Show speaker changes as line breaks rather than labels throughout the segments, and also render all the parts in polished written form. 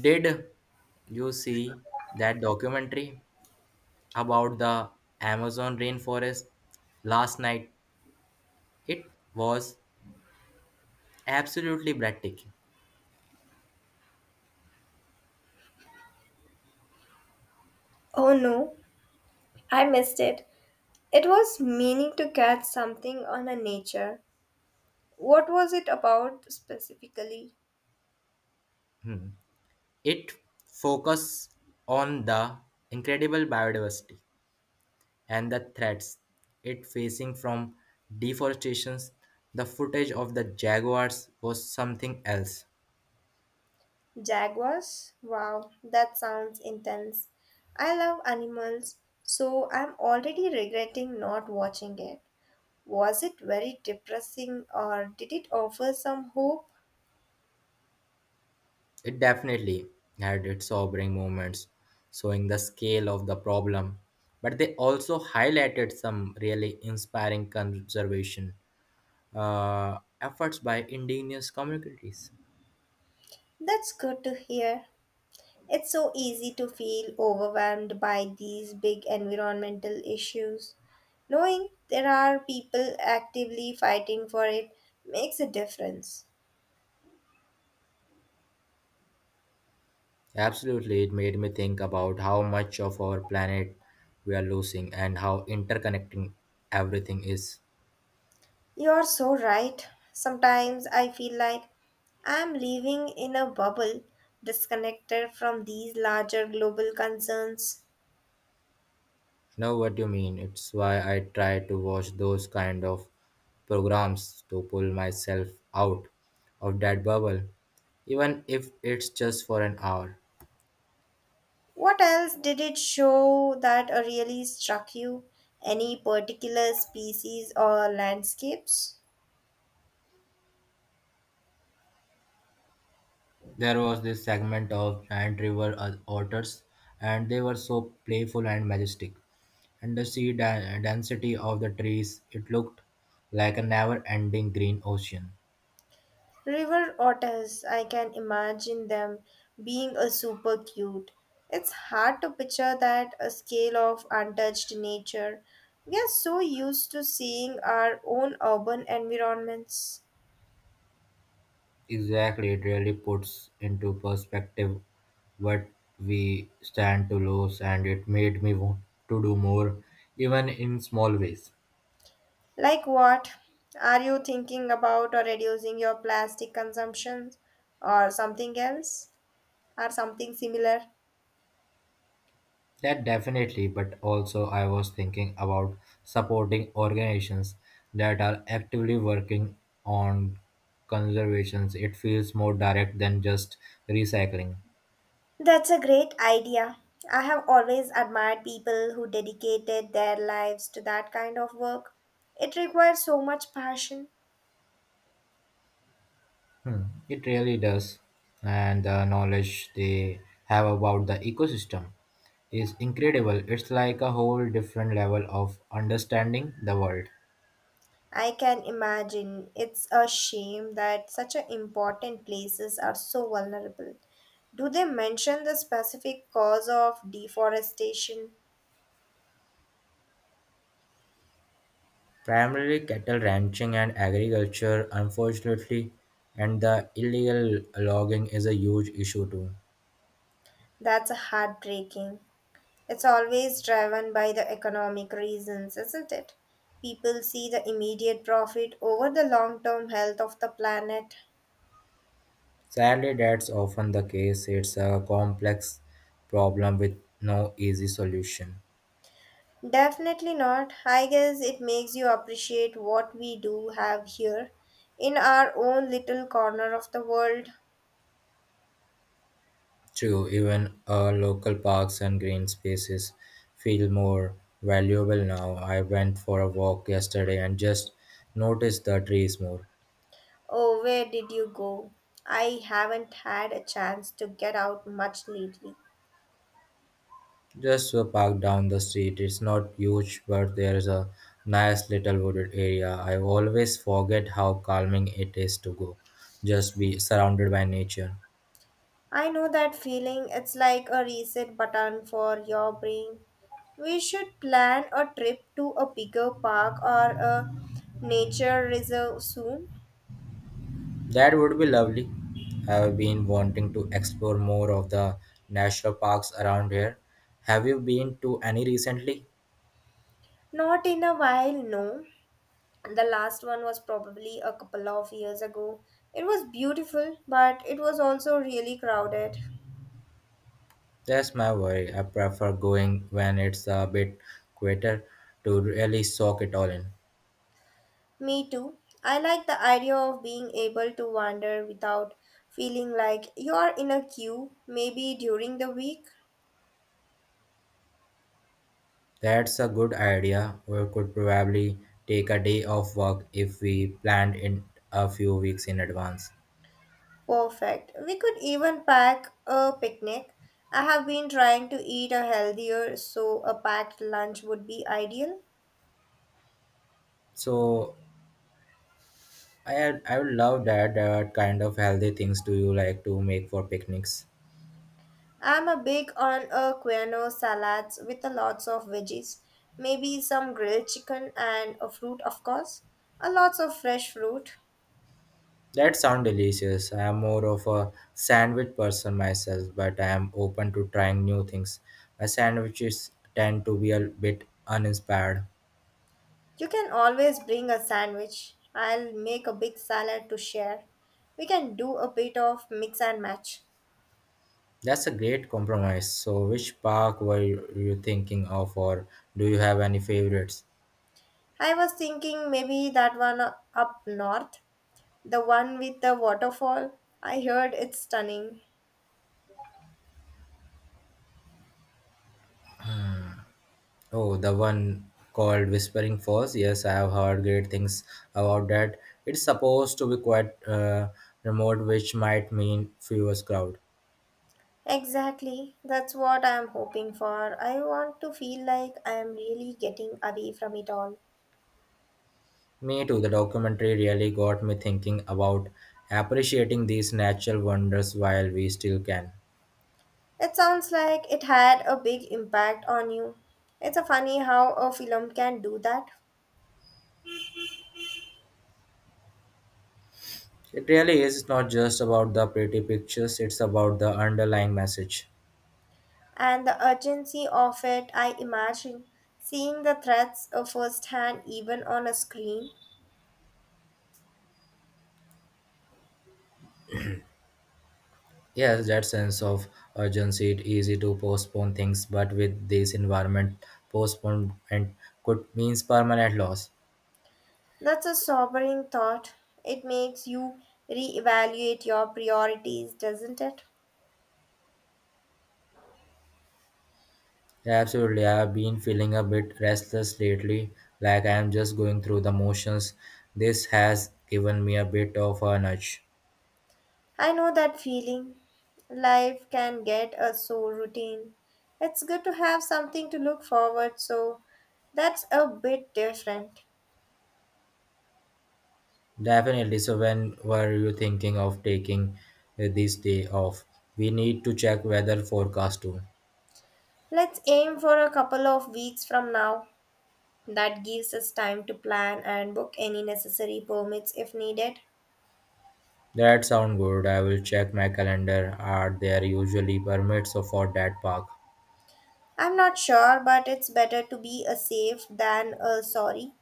Did you see that documentary about the Amazon rainforest last night? It was absolutely breathtaking.
Oh no, I missed it. It was meaning to catch something on a nature. What was it about specifically?
It focused on the incredible biodiversity and the threats it facing from deforestation. The footage of the jaguars was something else.
Jaguars? Wow, that sounds intense. I love animals, so I'm already regretting not watching it. Was it very depressing or did it offer some hope?
It definitely had its sobering moments, showing the scale of the problem, but they also highlighted some really inspiring conservation efforts by indigenous communities.
That's good to hear. It's so easy to feel overwhelmed by these big environmental issues. Knowing there are people actively fighting for it makes a difference.
Absolutely, it made me think about how much of our planet we are losing and how interconnecting everything is.
You're so right. Sometimes I feel like I'm living in a bubble, disconnected from these larger global concerns.
Know what you mean. It's why I try to watch those kind of programs to pull myself out of that bubble, even if it's just for an hour.
What else did it show that really struck you? Any particular species or landscapes?
There was this segment of giant river otters, and they were so playful and majestic. And the sea density of the trees, it looked like a never ending green ocean.
River otters, I can imagine them being a super cute. It's hard to picture that a scale of untouched nature. We are so used to seeing our own urban environments.
Exactly, it really puts into perspective what we stand to lose, and it made me want to do more, even in small ways.
Like what? Are you thinking about or reducing your plastic consumption or something else? Or something similar?
That definitely, but also I was thinking about supporting organizations that are actively working on conservations. It feels more direct than just recycling.
That's a great idea. I have always admired people who dedicated their lives to that kind of work. It requires so much passion.
Hmm, It really does. And the knowledge they have about the ecosystem is incredible. It's like a whole different level of understanding the world.
I can imagine it's a shame that such a important places are so vulnerable. Do they mention the specific cause of deforestation?
Primarily cattle ranching and agriculture, unfortunately, and the illegal logging is a huge issue too.
That's heartbreaking. It's always driven by the economic reasons, isn't it? People see the immediate profit over the long term health of the planet.
Sadly, that's often the case. It's a complex problem with no easy solution.
Definitely not. I guess it makes you appreciate what we do have here in our own little corner of the world.
True, even local parks and green spaces feel more valuable now. I went for a walk yesterday and just noticed the trees more.
Oh, where did you go? I haven't had a chance to get out much lately.
Just a park down the street. It's not huge, but there's a nice little wooded area. I always forget how calming it is to go, just be surrounded by nature.
I know that feeling. It's like a reset button for your brain. We should plan a trip to a bigger park or a nature reserve soon.
That would be lovely. I've been wanting to explore more of the national parks around here. Have you been to any recently?
Not in a while, no. The last one was probably a couple of years ago. It was beautiful, but it was also really crowded.
That's my worry. I prefer going when it's a bit quieter to really soak it all in.
Me too. I like the idea of being able to wander without feeling like you are in a queue, maybe during the week.
That's a good idea. We could probably take a day off work if we planned in a few weeks in advance.
Perfect. We could even pack a picnic. I have been trying to eat a healthier, so a packed lunch would be ideal.
So I would love that. What kind of healthy things do you like to make for picnics?
I'm a big on a quinoa salads with a lots of veggies, maybe some grilled chicken and a fruit of course, a lots of fresh fruit.
That sound delicious. I am more of a sandwich person myself, but I am open to trying new things. My sandwiches tend to be a bit uninspired.
You can always bring a sandwich. I'll make a big salad to share. We can do a bit of mix and match.
That's a great compromise. So, which park were you thinking of, or do you have any favorites?
I was thinking maybe that one up north, the one with the waterfall. I heard it's stunning.
Oh, the one called Whispering Falls. Yes, I have heard great things about that. It's supposed to be quite remote, which might mean fewer crowd.
Exactly. That's what I'm hoping for. I want to feel like I'm really getting away from it all.
Me too. The documentary really got me thinking about appreciating these natural wonders while we still can.
It sounds like it had a big impact on you. It's a funny how a film can do that.
It really is. It's not just about the pretty pictures, it's about the underlying message.
And the urgency of it, I imagine. Seeing the threats firsthand, even on a screen,
Yes, that sense of urgency, it's easy to postpone things, but with this environment, postponement could means permanent loss.
that's a sobering thought. It makes you reevaluate your priorities, doesn't it?
Yeah, absolutely. I've been feeling a bit restless lately, like I am just going through the motions. This has given me a bit of a nudge.
I know that feeling. Life can get a so routine. It's good to have something to look forward so that's a bit different.
Definitely. So, when were you thinking of taking this day off? We need to check weather forecast too.
Let's aim for a couple of weeks from now. That gives us time to plan and book any necessary permits if needed.
That sound good. I will check my calendar. Are there usually permits for that park?
I'm not sure, but it's better to be a safe than a sorry.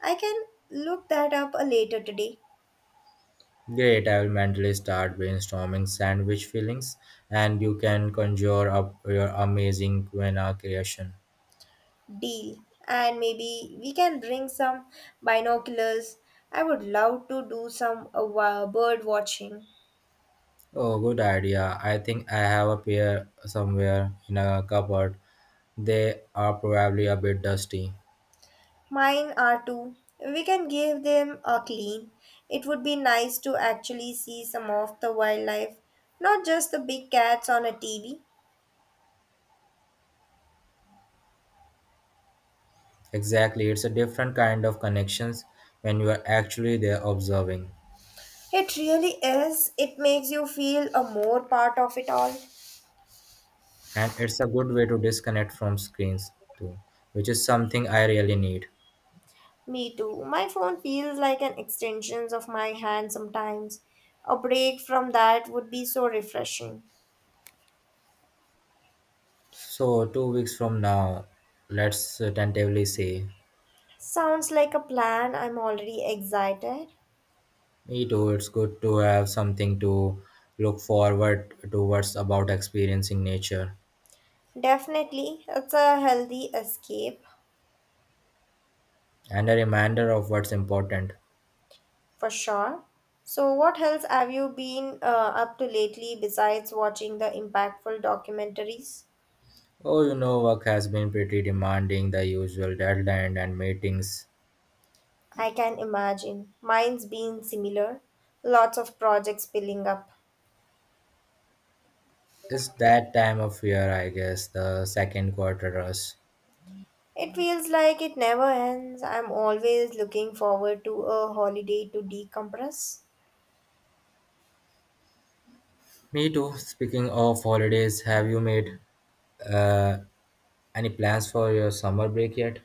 I can look that up a later today.
Great, I will mentally start brainstorming sandwich fillings and you can conjure up your amazing quinoa creation.
Deal. And maybe we can bring some binoculars. I would love to do some bird watching.
Oh, good idea. I think I have a pair somewhere in a cupboard. They are probably a bit dusty.
Mine are too. We can give them a clean. It would be nice to actually see some of the wildlife, not just the big cats on a TV.
Exactly, it's a different kind of connections when you are actually there observing.
It really is. It makes you feel a more part of it all.
And it's a good way to disconnect from screens too, which is something I really need.
Me too. My phone feels like an extension of my hand sometimes. A break from that would be so refreshing.
So, 2 weeks from now, let's tentatively say.
Sounds like a plan. I'm already excited.
Me too. It's good to have something to look forward towards about experiencing nature
Definitely, it's a healthy escape
and a reminder of what's important.
for sure. So, what else have you been up to lately besides watching the impactful documentaries?
Oh, you know, work has been pretty demanding, the usual deadline and meetings.
I can imagine. Mine's been similar. Lots of projects piling up.
It's that time of year, I guess, the second quarter rush.
It feels like it never ends. I'm always looking forward to a holiday to decompress.
Me too. Speaking of holidays, have you made uh, any plans for your summer break yet?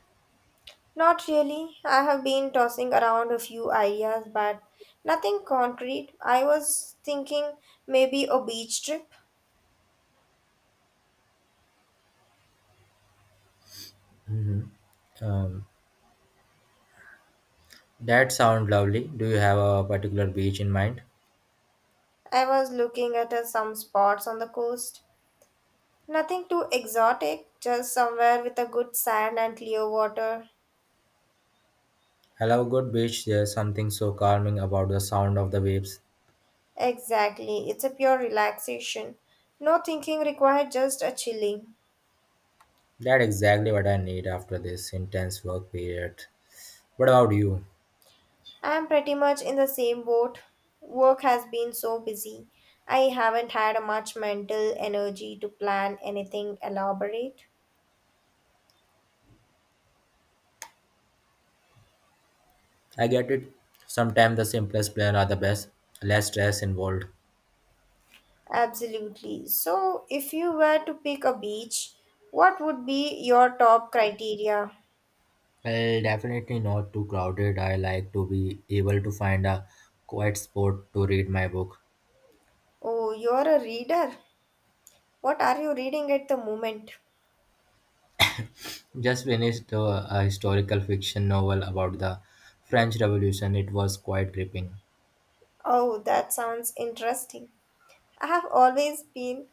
Not really. I have been tossing around a few ideas, but nothing concrete. I was thinking maybe a beach trip.
hmm Um, that sounds lovely. Do you have a particular beach in mind?
I was looking at some spots on the coast. Nothing too exotic, just somewhere with a good sand and clear water.
I love good beach. There's something so calming about the sound of the waves.
Exactly. It's a pure relaxation. No thinking required, just a chilling.
That's exactly what I need after this intense work period. What about you?
I'm pretty much in the same boat. Work has been so busy. I haven't had much mental energy to plan anything elaborate.
I get it. Sometimes the simplest plan are the best. Less stress involved.
Absolutely. So, if you were to pick a beach, what would be your top criteria?
Well, definitely not too crowded. I like to be able to find a quiet spot to read my book.
Oh, you're a reader. What are you reading at the moment?
Just finished a historical fiction novel about the French Revolution. It was quite gripping.
Oh, that sounds interesting. I have always been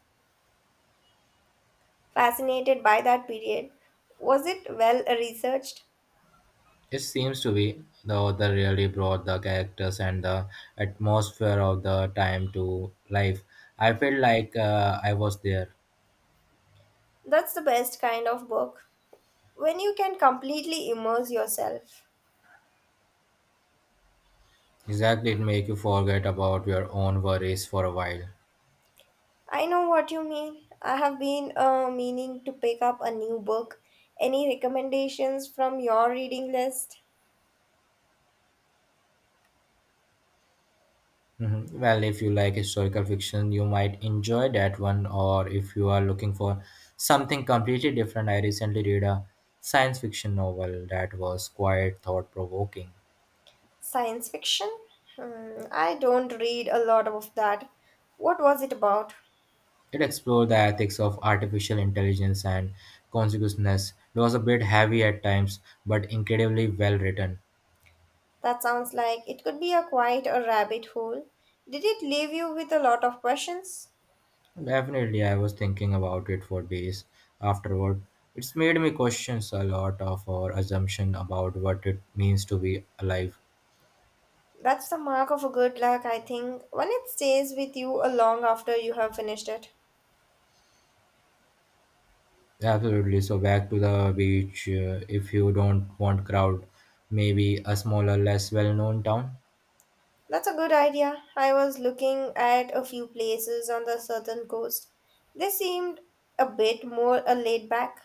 fascinated by that period. Was it well researched?
It seems to be, the author really brought the characters and the atmosphere of the time to life. I felt like I was there.
That's the best kind of book. When you can completely immerse yourself.
Exactly, it make you forget about your own worries for a while.
I know what you mean. I have been meaning to pick up a new book. Any recommendations from your reading list?
Mhm. Well, if you like historical fiction, you might enjoy that one, or if you are looking for something completely different, I recently read a science fiction novel that was quite thought provoking.
Science fiction? Hmm, I don't read a lot of that. What was it about?
It explored the ethics of artificial intelligence and consciousness. It was a bit heavy at times, but incredibly well written.
That sounds like it could be a quite a rabbit hole. Did it leave you with a lot of questions?
Definitely, I was thinking about it for days afterward. It's made me question a lot of our assumption about what it means to be alive.
That's the mark of a good luck, I think, when it stays with you a long after you have finished it.
Absolutely. So back to the beach. If you don't want crowd, maybe a smaller, less well-known town.
That's a good idea. I was looking at a few places on the southern coast. They seemed a bit more laid back,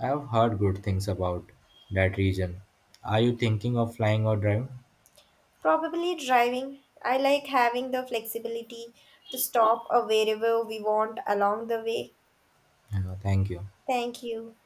I have heard good things about that region. Are you thinking of flying or driving?
probably driving. I like having the flexibility to stop wherever we want along the way.
Thank you.
Thank you.